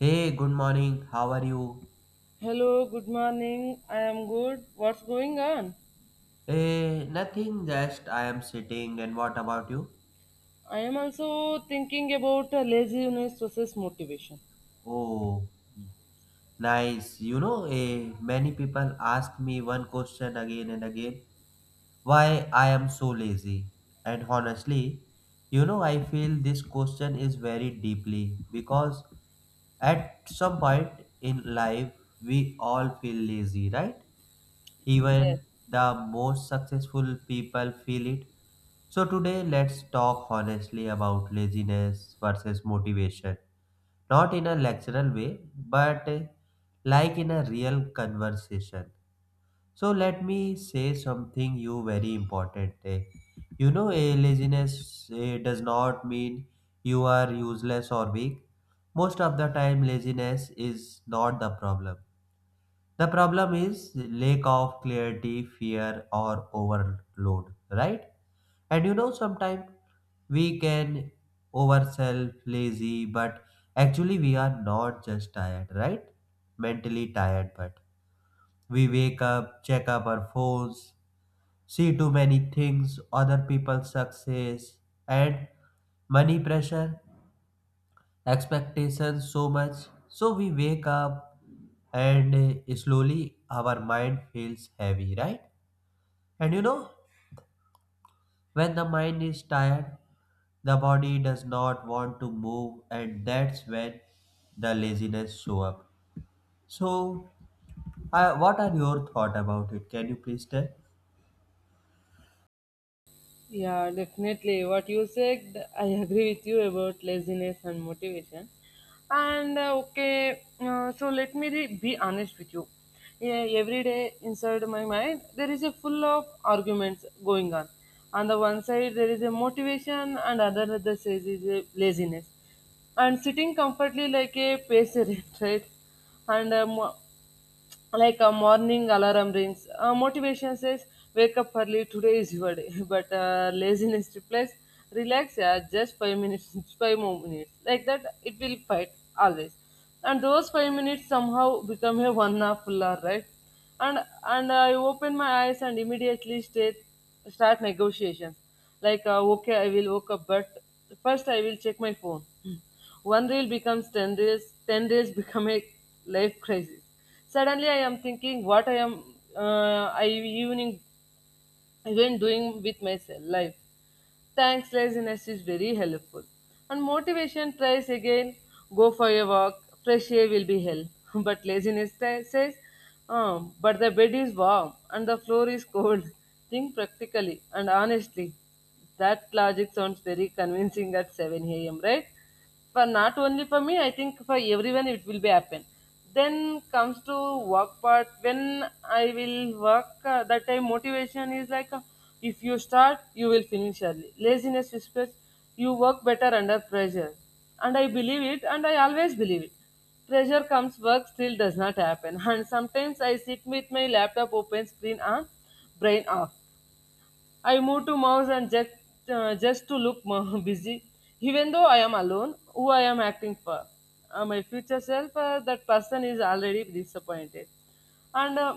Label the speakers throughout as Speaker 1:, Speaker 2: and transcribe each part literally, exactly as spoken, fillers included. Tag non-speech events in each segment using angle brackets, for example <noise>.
Speaker 1: Hey, good morning. How are you?
Speaker 2: Hello, good morning. I am good. What's going on?
Speaker 1: Hey, nothing, just I am sitting. And what about you?
Speaker 2: I am also thinking about uh, laziness versus motivation.
Speaker 1: Oh, nice. You know, eh, many people ask me one question again and again, why I am so lazy. And honestly, you know, I feel this question is very deeply because at some point in life, we all feel lazy, right? Even the most successful people feel it. So, today let's talk honestly about laziness versus motivation. Not in a lectural way, but eh, like in a real conversation. So, let me say something you very important. eh. You know, a laziness eh, does not mean you are useless or weak. Most of the time, laziness is not the problem. The problem is lack of clarity, fear, or overload, right? And you know, sometimes we can oversell, lazy, but actually we are not just tired, right? Mentally tired, but we wake up, check up our phones, see too many things, other people's success, and money pressure expectations so much, so we wake up and uh, slowly our mind feels heavy, right? And you know, when the mind is tired, the body does not want to move, and that's when the laziness show up. So uh, what are your thought about it? Can you please tell?
Speaker 2: Yeah, definitely. What you said, I agree with you about laziness and motivation. And uh, okay, uh, so let me re- be honest with you. Yeah, every day inside my mind, there is a full of arguments going on. On the one side, there is a motivation, and other other says is a laziness. And sitting comfortably like a patient, <laughs> right? And um, Like a morning alarm rings, uh, motivation says wake up early, today is your day. <laughs> But uh, laziness replies relax, yeah, just five minutes. <laughs> Just five more minutes. Like that it will fight always. And those five minutes somehow become a one half full hour, right? And and I open my eyes and immediately state, start negotiations like, uh, okay, I will wake up, but first I will check my phone. <laughs> One reel becomes ten reels, ten reels <laughs> become a life crisis. Suddenly, I am thinking what I am, uh, I even, even doing with my se- life. Thanks, laziness is very helpful. And motivation tries again, go for a walk, fresh air will be hell. <laughs> But laziness t- says, um, but the bed is warm and the floor is cold. <laughs> Think practically and honestly. That logic sounds very convincing at seven a m, right? For not only for me, I think for everyone it will be happen. Then comes to work part. When I will work, uh, that time motivation is like, uh, if you start you will finish early. Laziness whispers you work better under pressure. And I believe it, and I always believe it. Pressure comes, work still does not happen. <laughs> And sometimes I sit with my laptop open, screen on, brain off. I move to mouse and just, uh, just to look more <laughs> busy, even though I am alone. Who I am acting for? Uh, my future self, uh, that person is already disappointed. And uh,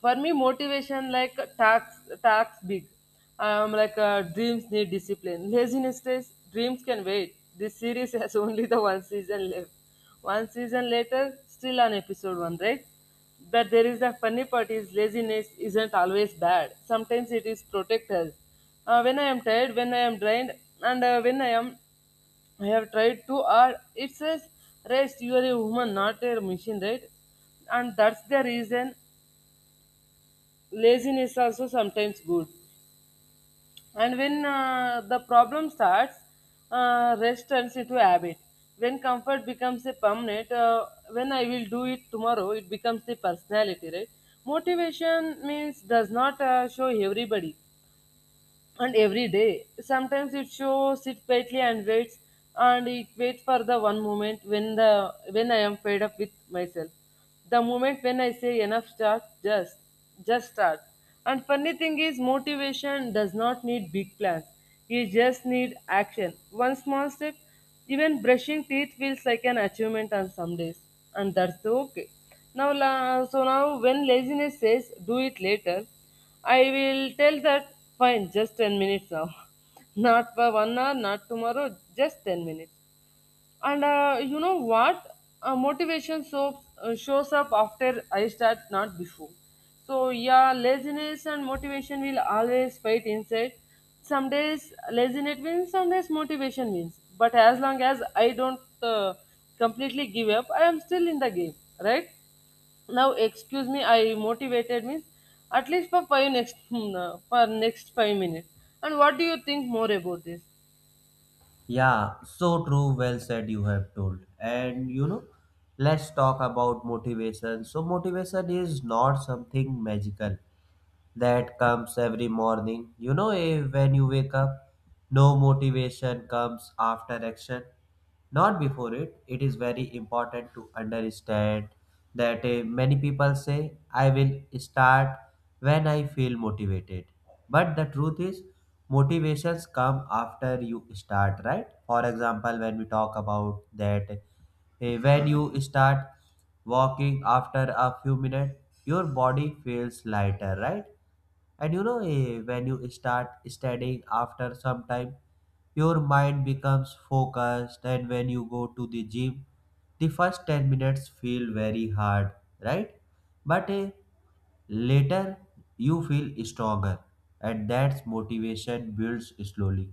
Speaker 2: For me motivation like tasks tasks big, um like uh, dreams need discipline. Laziness says dreams can wait, this series has <laughs> only the one season left. One season later still on episode one, right? But there is the funny part is laziness isn't always bad, sometimes it is protect us. Uh, when I am tired, when I am drained, and uh, when I am, I have tried too hard, it says rest, you are a woman not a machine, right? And that's the reason laziness also sometimes good. And when uh, the problem starts, uh, rest turns into habit. When comfort becomes a permanent, uh, when I will do it tomorrow, it becomes the personality, right? Motivation means does not uh, show everybody and every day. Sometimes it shows it quietly and waits, and it waits for the one moment when the when I am fed up with myself. The moment when I say enough start, just just start. And funny thing is motivation does not need big plans. You just need action. One small step, even brushing teeth feels like an achievement on some days. And that's okay. Now la- so now when laziness says do it later, I will tell that fine, just ten minutes now. <laughs> Not for one hour, not tomorrow, just ten minutes. And uh, You know what? Uh, motivation so, uh, shows up after I start, not before. So, yeah, laziness and motivation will always fight inside. Some days laziness wins, some days motivation wins. But as long as I don't uh, completely give up, I am still in the game, right? Now excuse me, I motivated means at least for five next <laughs> for next five minutes. And what do you think more about this?
Speaker 1: Yeah, so true. Well said, you have told. And you know, let's talk about motivation. So, motivation is not something magical that comes every morning. You know, eh, when you wake up, no, motivation comes after action, not before it. It is very important to understand that uh, many people say I will start when I feel motivated, but the truth is motivations come after you start, right? For example, when we talk about that uh, when you start walking, after a few minutes your body feels lighter, right? And you know, eh, when you start studying, after some time, your mind becomes focused. And when you go to the gym, the first ten minutes feel very hard, right? But eh, later you feel stronger, and that's motivation builds slowly.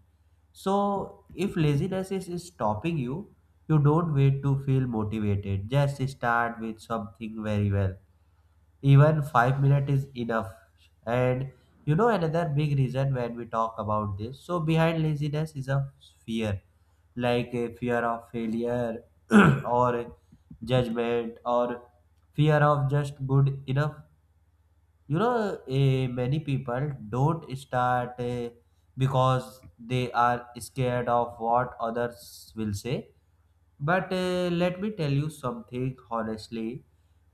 Speaker 1: So, if laziness is stopping you, you don't wait to feel motivated. Just start with something very well, even five minutes is enough. And you know, another big reason when we talk about this, so behind laziness is a fear, like a fear of failure <clears throat> or judgment or fear of just good enough. You know, eh, many people don't start eh, because they are scared of what others will say. But uh, let me tell you something honestly,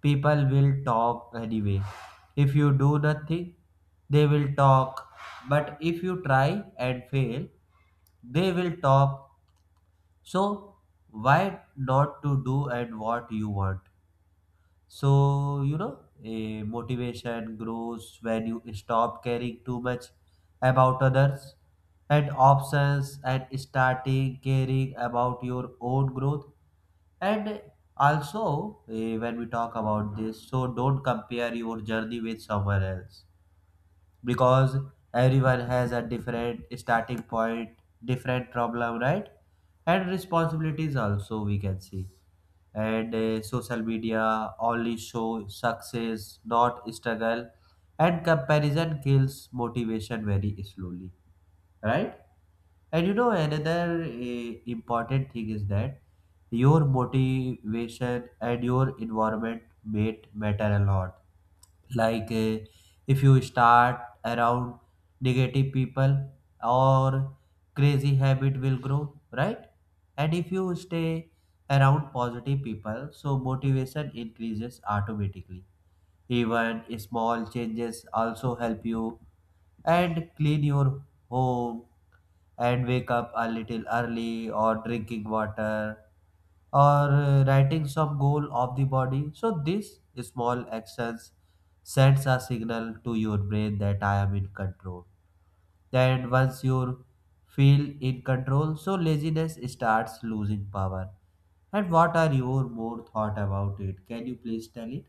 Speaker 1: people will talk anyway. If you do nothing, they will talk. But if you try and fail, they will talk. So, why not to do and what you want? So, you know, a motivation grows when you stop caring too much about others and options and starting caring about your own growth. And also, eh, when we talk about this, so don't compare your journey with someone else, because everyone has a different starting point, different problem, right? And responsibilities also, we can see. And uh, social media only show success, not struggle. And comparison kills motivation very slowly, right? And you know, another eh, important thing is that your motivation and your environment mate matter a lot. Like eh, if you start around negative people or crazy habit will grow, right? And if you stay around positive people, so motivation increases automatically. Even small changes also help you and clean your home and wake up a little early or drinking water or uh, writing some goal of the body. So these small actions sends a signal to your brain that I am in control. Then once you feel in control, so laziness starts losing power. And what are your more thought about it? Can you please tell it?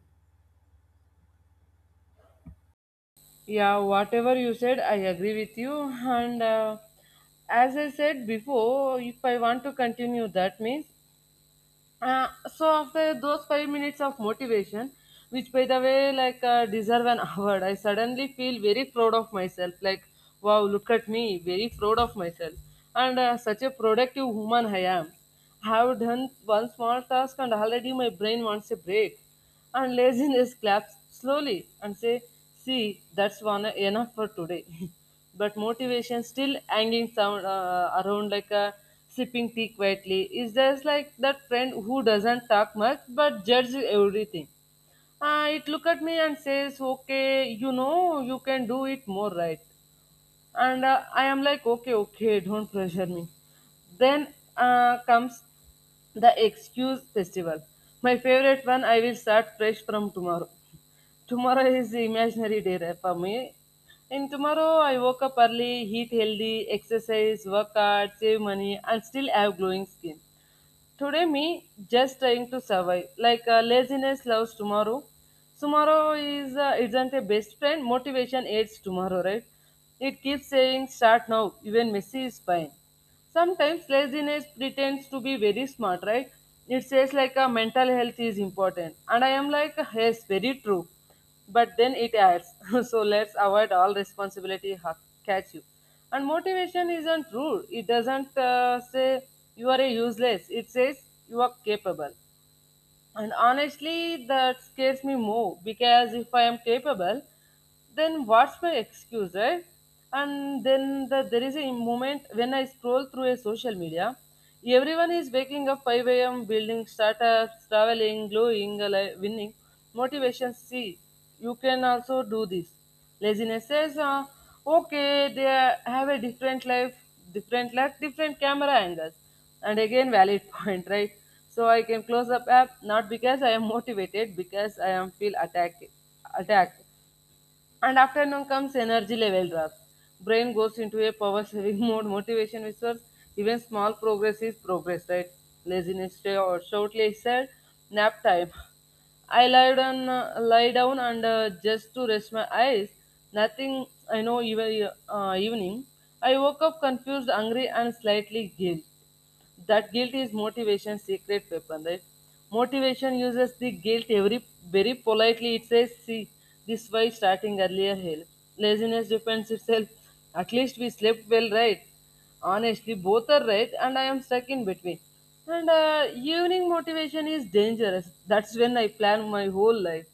Speaker 2: Yeah, whatever you said, I agree with you. And uh, As I said before, if I want to continue, that means uh, so after those five minutes of motivation, which by the way like uh, deserve an <laughs> award, I suddenly feel very proud of myself. Like wow, look at me, very proud of myself, and uh, such a productive woman I am. I have done one small task and already my brain wants a break, and laziness claps slowly and say, see, that's one enough for today. <laughs> But motivation still hanging sound, uh, around like a sipping tea quietly is just like that friend who doesn't talk much but judges everything. Uh, it look at me and says okay, you know you can do it more, right? and uh, I am like okay okay don't pressure me. Then uh, comes the excuse festival. My favorite one, I will start fresh from tomorrow. Tomorrow is the imaginary day, right, for me. In tomorrow I woke up early, eat healthy, exercise, work hard, save money, and still have glowing skin. Today, me just trying to survive. Like uh, laziness loves tomorrow. Tomorrow is uh, isn't a best friend. Motivation aids tomorrow, right? It keeps saying start now. Even messy is fine. Sometimes laziness pretends to be very smart, right? It says like a mental health is important, and I am like yes, very true. But then it adds, <laughs> so let's avoid all responsibility, ha- catch you. And motivation isn't rude. It doesn't uh, say you are a useless. It says you are capable. And honestly, that scares me more, because if I am capable, then what's my excuse, right? And then the, there is a moment when I scroll through a social media. Everyone is waking up five a m building startups, traveling, glowing, ali- winning. Motivation, see, you can also do this. Laziness says, uh, okay, they have a different life, different life different camera angles. And again, valid <laughs> point, right? So I can close up app, not because I am motivated, because I am feel attacked attacked. And afternoon comes, energy level drop. Brain goes into a power saving <laughs> mode. Motivation whispers, even small progress is progress, right? Laziness stay or shortly I said, nap time. I lie down, uh, lie down and uh, just to rest my eyes. Nothing I know, even uh, evening. I woke up confused, angry, and slightly guilt. That guilt is motivation's secret weapon, right? Motivation uses the guilt every very politely. It says, see, this why starting earlier helps. Laziness defends itself, at least we slept well, right? Honestly both are right, and I am stuck in between. And uh, Evening motivation is dangerous, that's when I plan my whole life.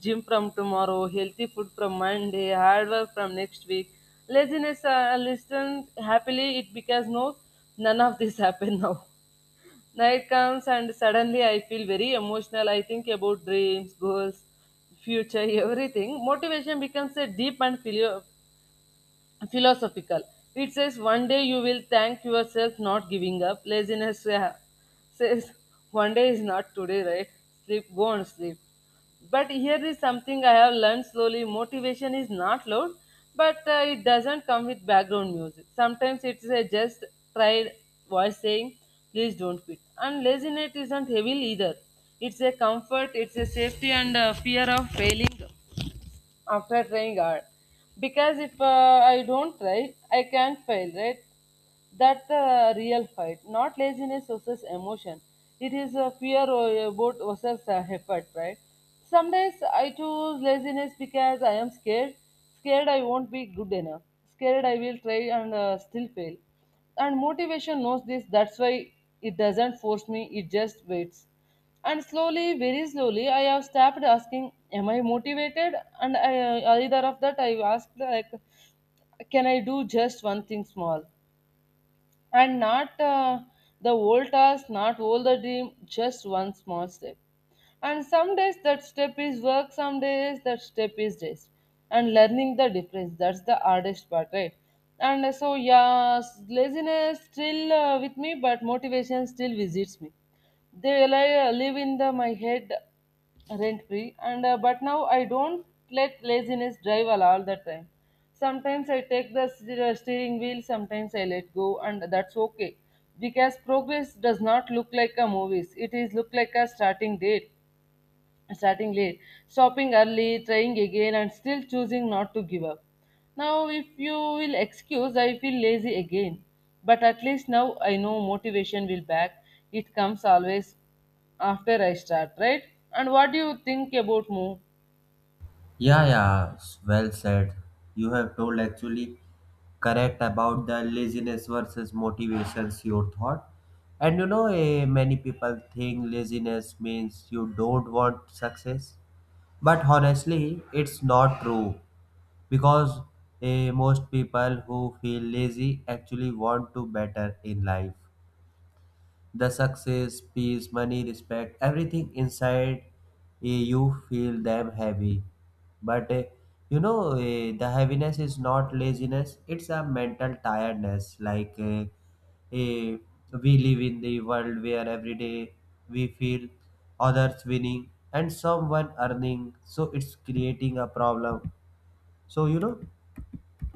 Speaker 2: Gym from tomorrow, healthy food from Monday, hard work from next week. Laziness, uh, listen happily, it because no, none of this <laughs> happened now. Night comes and suddenly I feel very emotional. I think about dreams, goals, future, <laughs> everything. Motivation becomes a deep and filial philosophical. It says, one day you will thank yourself not giving up. Laziness uh, says, one day is not today, right? Sleep, go and sleep. But here is something I have learned slowly, motivation is not loud, but uh, it doesn't come with background music. Sometimes it's a just tried voice saying, please don't quit. And laziness isn't heavy either. It's a comfort, it's a safety, and uh, fear of failing after trying hard, because if uh, I don't try I can fail, right? That's the real fight, not laziness versus emotion. It is a fear o- about versus uh, effort, right? Some days I choose laziness because I am scared, scared I won't be good enough, scared I will try and uh, still fail. And motivation knows this, that's why it doesn't force me, it just waits. And slowly, very slowly, I have stopped asking, am I motivated? And I, uh, either of that, I asked, like, can I do just one thing small? And not uh, the old task, not all the dream, just one small step. And some days that step is work, some days that step is rest. And learning the difference, that's the hardest part, right? And uh, So, yeah, s- laziness still uh, with me, but motivation still visits me. They li- live in the, my head rent free, and uh, but now I don't let laziness drive all all the time. Sometimes I take the steer- steering wheel, sometimes I let go, and that's okay. Because progress does not look like a movie. It is look like a starting date, starting late, stopping early, trying again, and still choosing not to give up. Now, if you will excuse, I feel lazy again. But at least now I know motivation will back. It comes always after I start, right? And what do you think about move?
Speaker 1: Yeah, yeah, s- well said. You have told actually correct about the laziness versus motivations your thought. And you know, eh, many people think laziness means you don't want success. But honestly, it's not true because eh, most people who feel lazy actually want to better in life. The success, peace, money, respect, everything inside eh, you feel them heavy. But eh, you know, eh, the heaviness is not laziness, it's a mental tiredness. Like eh, eh, we live in the world where every day we feel others winning and someone earning, so it's creating a problem. So, you know,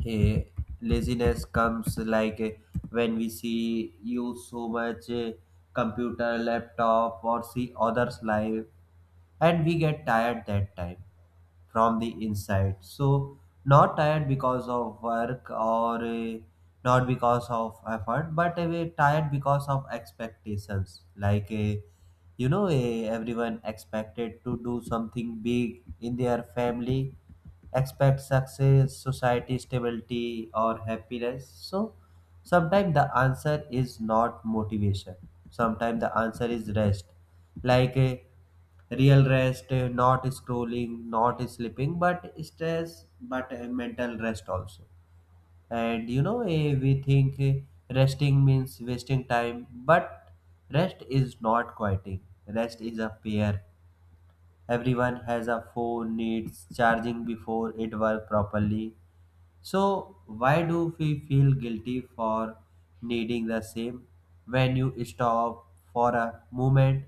Speaker 1: uh, laziness comes like uh, when we see use so much uh, computer laptop or see others live, and we get tired that time from the inside. So not tired because of work or uh, not because of effort, but uh, we're tired because of expectations. Like uh, you know, eh, everyone expected to do something big in their family, expect success, society, stability or happiness. So sometimes the answer is not motivation, sometimes the answer is rest. Like a real rest, eh, not scrolling, not sleeping but stress, but a mental rest also. And you know, eh, we think eh, resting means wasting time, but rest is not quieting, rest is a pair. Everyone has a phone, needs charging before it works properly. So why do we feel guilty for needing the same? When you stop for a moment,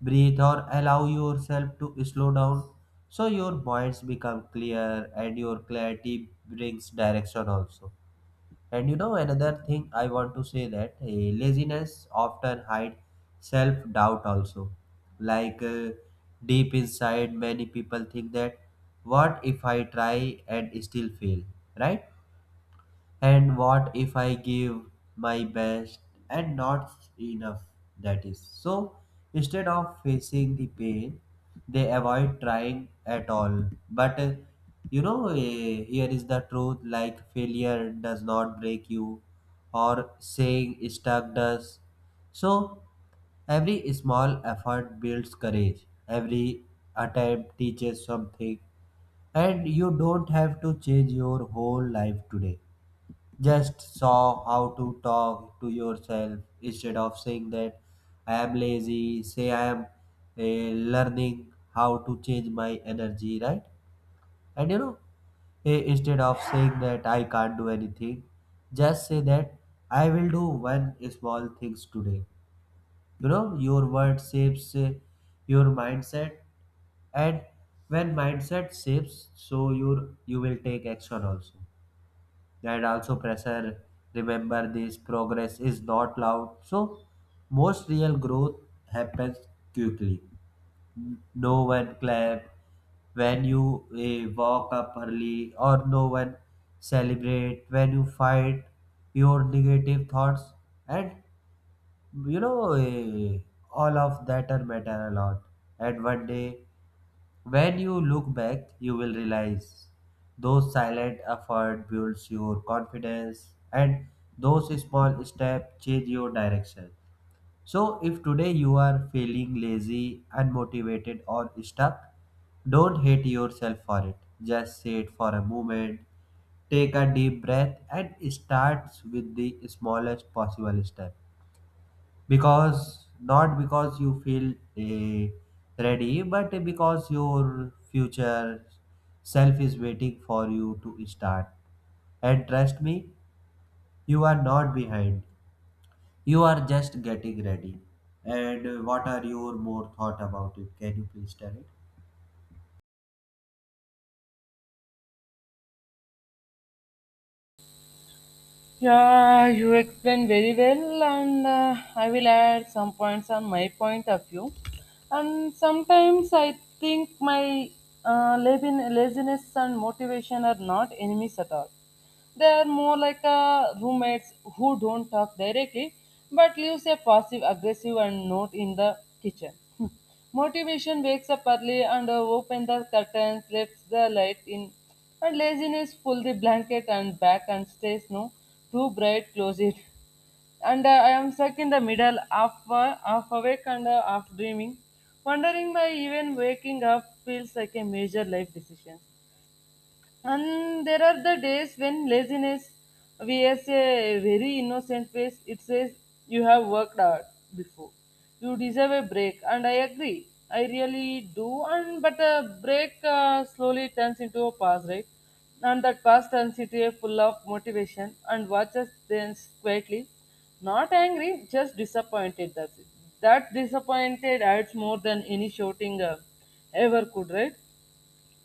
Speaker 1: breathe or allow yourself to slow down, so your minds become clear and your clarity brings direction also. And you know, another thing I want to say that eh, laziness often hide self-doubt also. Like uh, deep inside many people think that what if I try and still fail, right? And what if I give my best and not enough? That is. So instead of facing the pain, they avoid trying at all. But uh, you know, uh, here is the truth, like failure does not break you, or saying stuck does. So every small effort builds courage, every attempt teaches something, and you don't have to change your whole life today. Just saw how to talk to yourself. Instead of saying that I am lazy, say I am eh, learning how to change my energy, right? And you know, eh, instead of saying that I can't do anything, just say that I will do one small things today. You know, your word shapes eh, your mindset, and when mindset shapes, so your you will take action also, and also pressure. Remember this, progress is not loud, so most real growth happens quickly. No one clap when you eh, walk up early, or no one celebrate when you fight your negative thoughts. And you know, eh, all of that are matter a lot. And one day when you look back, you will realize those silent effort builds your confidence, and those small steps change your direction. So if today you are feeling lazy, unmotivated or stuck, don't hate yourself for it. Just sit for a moment, take a deep breath and start with the smallest possible step, because not because you feel eh, ready, but because your future self is waiting for you to start. And trust me, you are not behind, you are just getting ready. And eh, what are your more thought about it? Can you please tell it?
Speaker 2: Yeah, you explained very well, and uh, I will add some points on my point of view. And sometimes I think my uh, labin- laziness and motivation are not enemies at all. They are more like uh, roommates who don't talk directly but leaves a passive aggressive and note in the kitchen. <laughs> Motivation wakes up early and uh, open the curtains, lets the light in, and laziness pull the blanket and back and stays no too bright, close it. And uh, I am stuck in the middle, half, uh, half awake and uh, half dreaming, wondering why even waking up feels like a major life decision. And there are the days when laziness wears a very innocent face. It says, "You have worked hard before. You deserve a break." And I agree. I really do. And but a break uh, slowly turns into a pause, right? And that pause turns into a full of motivation and watches then quietly. Not angry, just disappointed. That's it. That disappointed adds more than any shouting uh, ever could, right?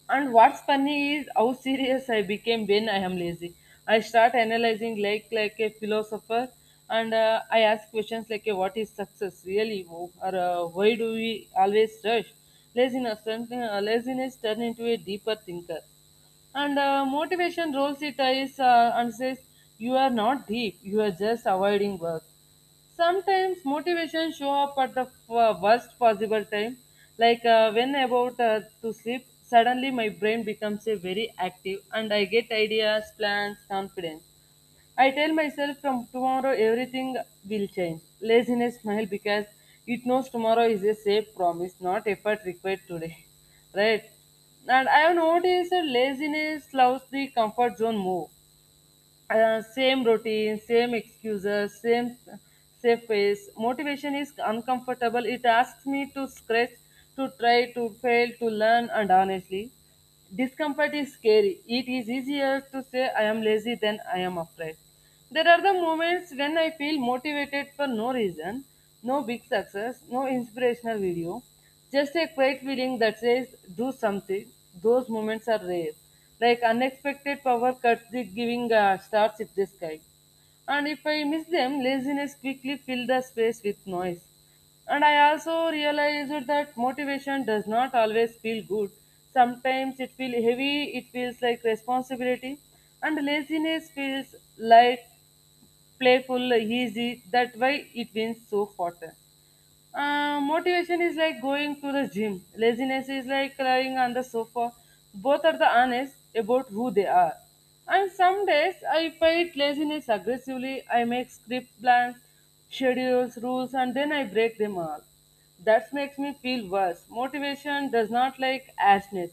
Speaker 2: And what's funny is how serious I became when I am lazy. I start analyzing like like a philosopher, and uh, I ask questions like, uh, "What is success really?" Or uh, "Why do we always rush?" Laziness, uh, laziness turn into a deeper thinker, and uh, motivation rolls its eyes uh, and says, "You are not deep. You are just avoiding work." Sometimes motivation show up at the f- worst possible time like uh, when about uh, to sleep. Suddenly my brain becomes a very active and I get ideas, plans, confidence. I tell myself from tomorrow everything will change. Laziness smile because it knows tomorrow is a safe promise, not effort required today. <laughs> Right. And I have noticed that laziness loves the comfort zone more. Uh, same routine, same excuses, same safe pace. Motivation is uncomfortable. It asks me to scratch, to try, to fail, to learn, and honestly, discomfort is scary. It is easier to say I am lazy than I am afraid. There are the moments when I feel motivated for no reason, no big success, no inspirational video, just a quiet feeling that says, do something. Those moments are rare. Like unexpected power cuts the giving uh, stars in the sky. And if I miss them, laziness quickly fills the space with noise. And I also realized that motivation does not always feel good. Sometimes it feels heavy, it feels like responsibility, and laziness feels light, playful, easy. That why it wins so often. Uh, motivation is like going to the gym. Laziness is like lying on the sofa. Both are the honest about who they are. And some days I fight laziness aggressively. I make script plans, schedules, rules, and then I break them all. That makes me feel worse. Motivation does not like ashness.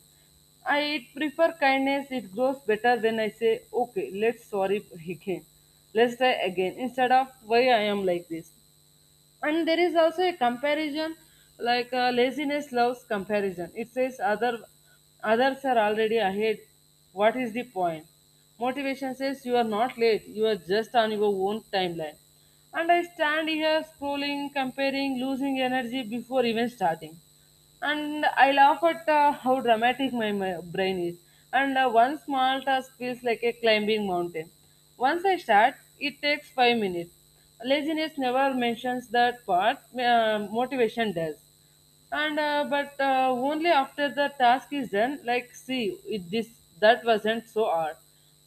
Speaker 2: I prefer kindness. It grows better when I say, okay, let's sorry again. Let's try again instead of why I am like this. And there is also a comparison, like uh, laziness loves comparison. It says other others are already ahead. What is the point? Motivation says you are not late, you are just on your own timeline. And I stand here scrolling, comparing, losing energy before even starting. And I laugh at uh, how dramatic my, my brain is. And uh, one small task feels like a climbing mountain. Once I start, it takes five minutes. Laziness never mentions that part. Uh, motivation does. And uh, but uh, only after the task is done, like see, it, this that wasn't so hard.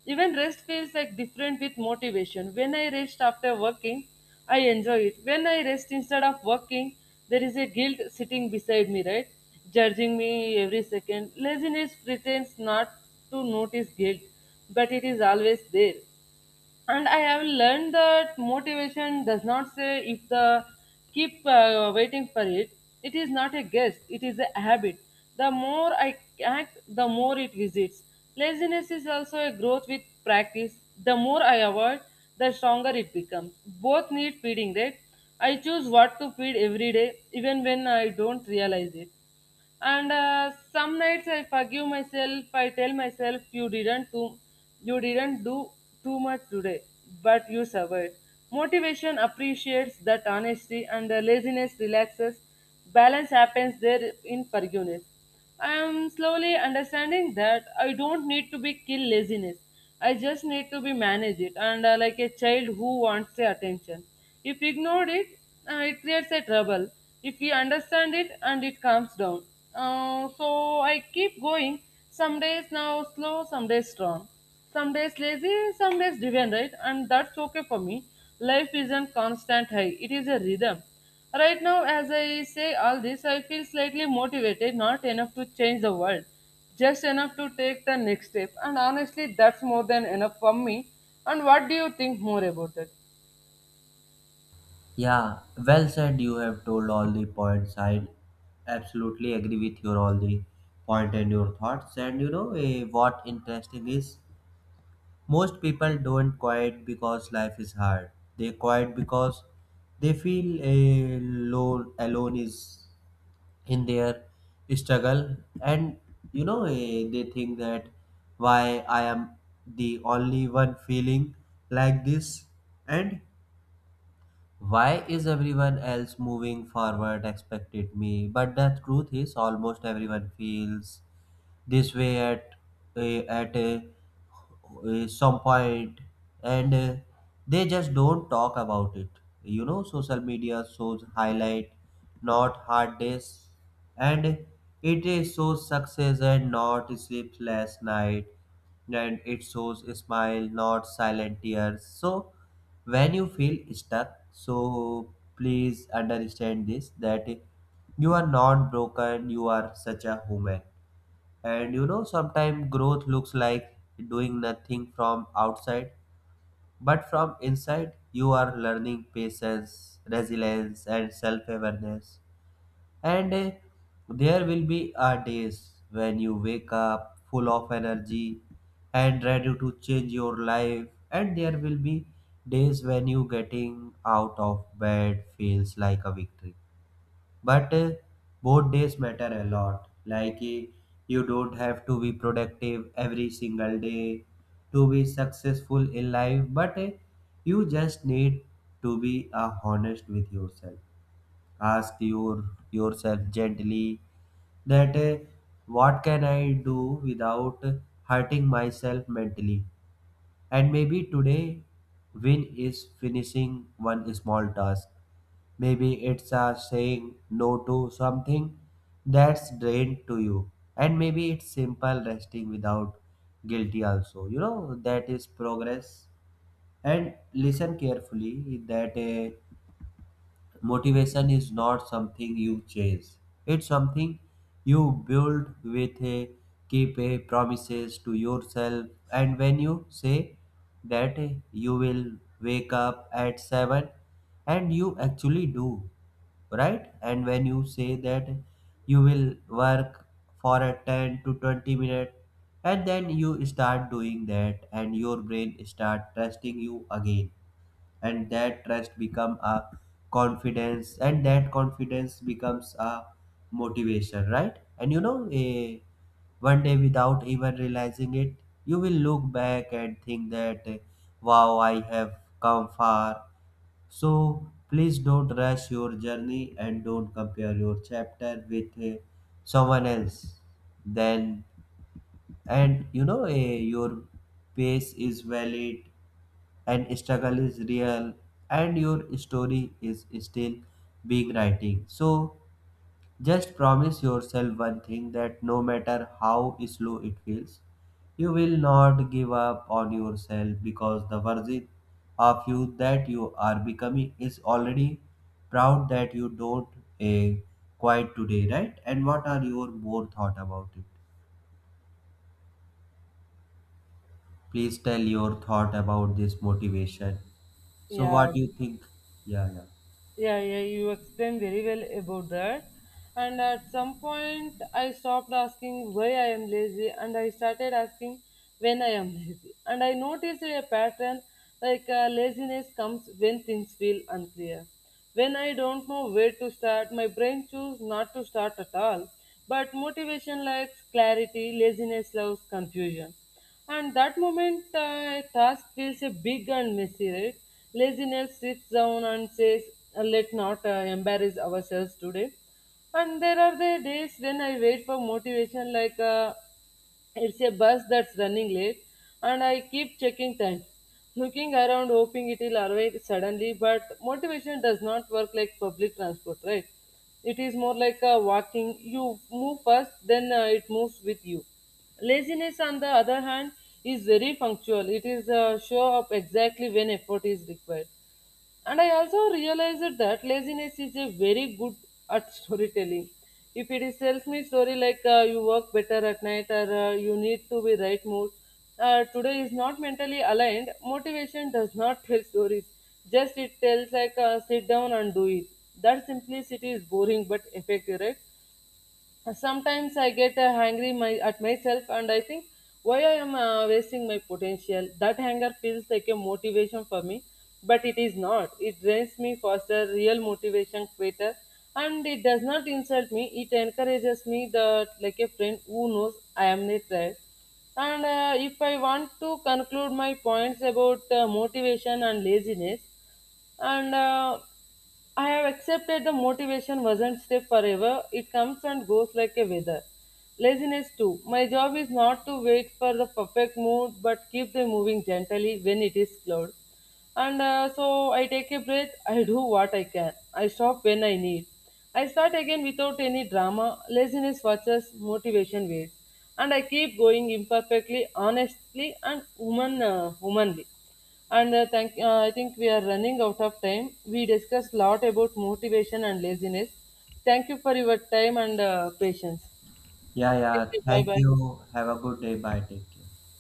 Speaker 2: Even rest feels like different with motivation. When I rest after working, I enjoy it. When I rest instead of working, there is a guilt sitting beside me, right? Judging me every second. Laziness pretends not to notice guilt, but it is always there. And I have learned that motivation does not say if the keep uh, waiting for it. It is not a guess, it is a habit. The more I act, the more it visits. Laziness is also a growth with practice. The more I avoid, the stronger it becomes. Both need feeding, right? I choose what to feed every day, even when I don't realize it. And uh, some nights I forgive myself. I tell myself you didn't do you didn't do too much today, but you survived. Motivation appreciates that honesty and the laziness relaxes. Balance happens there, in forgiveness. I am slowly understanding that I don't need to be kill laziness. I just need to be manage it and uh, like a child who wants the attention. If ignored it, uh, it creates a trouble. If we understand it and it calms down. Uh, so I keep going. Some days now slow, some days strong. Some days lazy, some days driven, right? And that's okay for me. Life isn't constant high. It is a rhythm. Right now, as I say all this, I feel slightly motivated, not enough to change the world, just enough to take the next step. And honestly, that's more than enough for me. And what do you think more about it?
Speaker 1: Yeah, well said. You have told all the points, I absolutely agree with your all the point and your thoughts. And you know, eh, what interesting is most people don't quit because life is hard. They quit because they feel a lone alone is in their struggle. And you know, eh, they think that why I am the only one feeling like this, and why is everyone else moving forward expected me? But the truth is, almost everyone feels this way at a, at a, a some point, and uh, they just don't talk about it. You know, social media shows highlight, not hard days. And it uh, shows success and not sleepless night, and it shows a smile, not silent tears. So when you feel stuck, so please understand this, that you are not broken, you are such a human. And you know, sometimes growth looks like doing nothing from outside, but from inside, you are learning patience, resilience, and self awareness. And eh, there will be a days when you wake up full of energy and ready to change your life, and there will be days when you getting out of bed feels like a victory. But uh, both days matter a lot. Like uh, you don't have to be productive every single day to be successful in life, but uh, you just need to be uh, honest with yourself. Ask your yourself gently that uh, what can I do without hurting myself mentally? And maybe today, win is finishing one small task. Maybe it's a saying no to something that's drained to you. And maybe it's simple resting without guilty also. You know, that is progress. And listen carefully that uh, motivation is not something you chase, it's something you build with a keep a promises to yourself. And when you say that you will wake up at seven and you actually do, right? And when you say that you will work for a ten to twenty minute, and then you start doing that, and your brain start trusting you again, and that trust become a confidence, and that confidence becomes a motivation, right? And you know, a one day without even realizing it, you will look back and think that eh, wow, I have come far. So please don't rush your journey, and don't compare your chapter with eh, someone else then. And you know, eh, your pace is valid, and struggle is real, and your story is still being writing. So just promise yourself one thing, that no matter how slow it feels, you will not give up on yourself, because the version of you that you are becoming is already proud that you don't eh, quite today, right? And what are your more thought about it? Please tell your thought about this motivation. So
Speaker 2: Yeah,
Speaker 1: what do you think? Yeah, yeah.
Speaker 2: Yeah, yeah, you explained very well about that. And at some point, I stopped asking why I am lazy and I started asking when I am lazy. And I noticed a pattern like uh, laziness comes when things feel unclear. When I don't know where to start, my brain chooses not to start at all. But motivation likes clarity, laziness loves confusion. And that moment, uh, a task feels a big and messy, right? Laziness sits down and says, "Uh, Let not uh, embarrass ourselves today." And there are the days when I wait for motivation, like, uh, it's a bus that's running late, and I keep checking time, looking around, hoping it'll arrive suddenly. But motivation does not work like public transport, right? It is more like a walking. You move first, then uh, it moves with you. Laziness, on the other hand, is very punctual. It is a show up exactly when effort is required. And I also realized that laziness is a very good at storytelling. If it is tells me story like uh, you work better at night or uh, you need to be right mood, uh, today is not mentally aligned. Motivation does not <laughs> tell stories. Just it tells like uh, sit down and do it. That simplicity is boring but effective, right? Sometimes I get uh, angry my, at myself and I think why I am uh, wasting my potential. That anger feels like a motivation for me, but it is not. It drains me faster, real motivation quitter, and it does not insult me. It encourages me that like a friend who knows I am not tired. And uh, if I want to conclude my points about uh, motivation and laziness, and uh, I have accepted the motivation wasn't stay forever. It comes and goes like a weather. Laziness too. My job is not to wait for the perfect mood, but keep them moving gently when it is cloud. And uh, so I take a breath. I do what I can. I stop when I need. I start again without any drama. Laziness watches, motivation waits, and I keep going imperfectly, honestly, and human, uh, humanly. And uh, thank, uh, I think we are running out of time. We discussed a lot about motivation and laziness. Thank you for your time and uh, patience.
Speaker 1: Yeah, yeah.
Speaker 2: Bye
Speaker 1: Thank
Speaker 2: bye.
Speaker 1: you. Have a good day. Bye. Take care.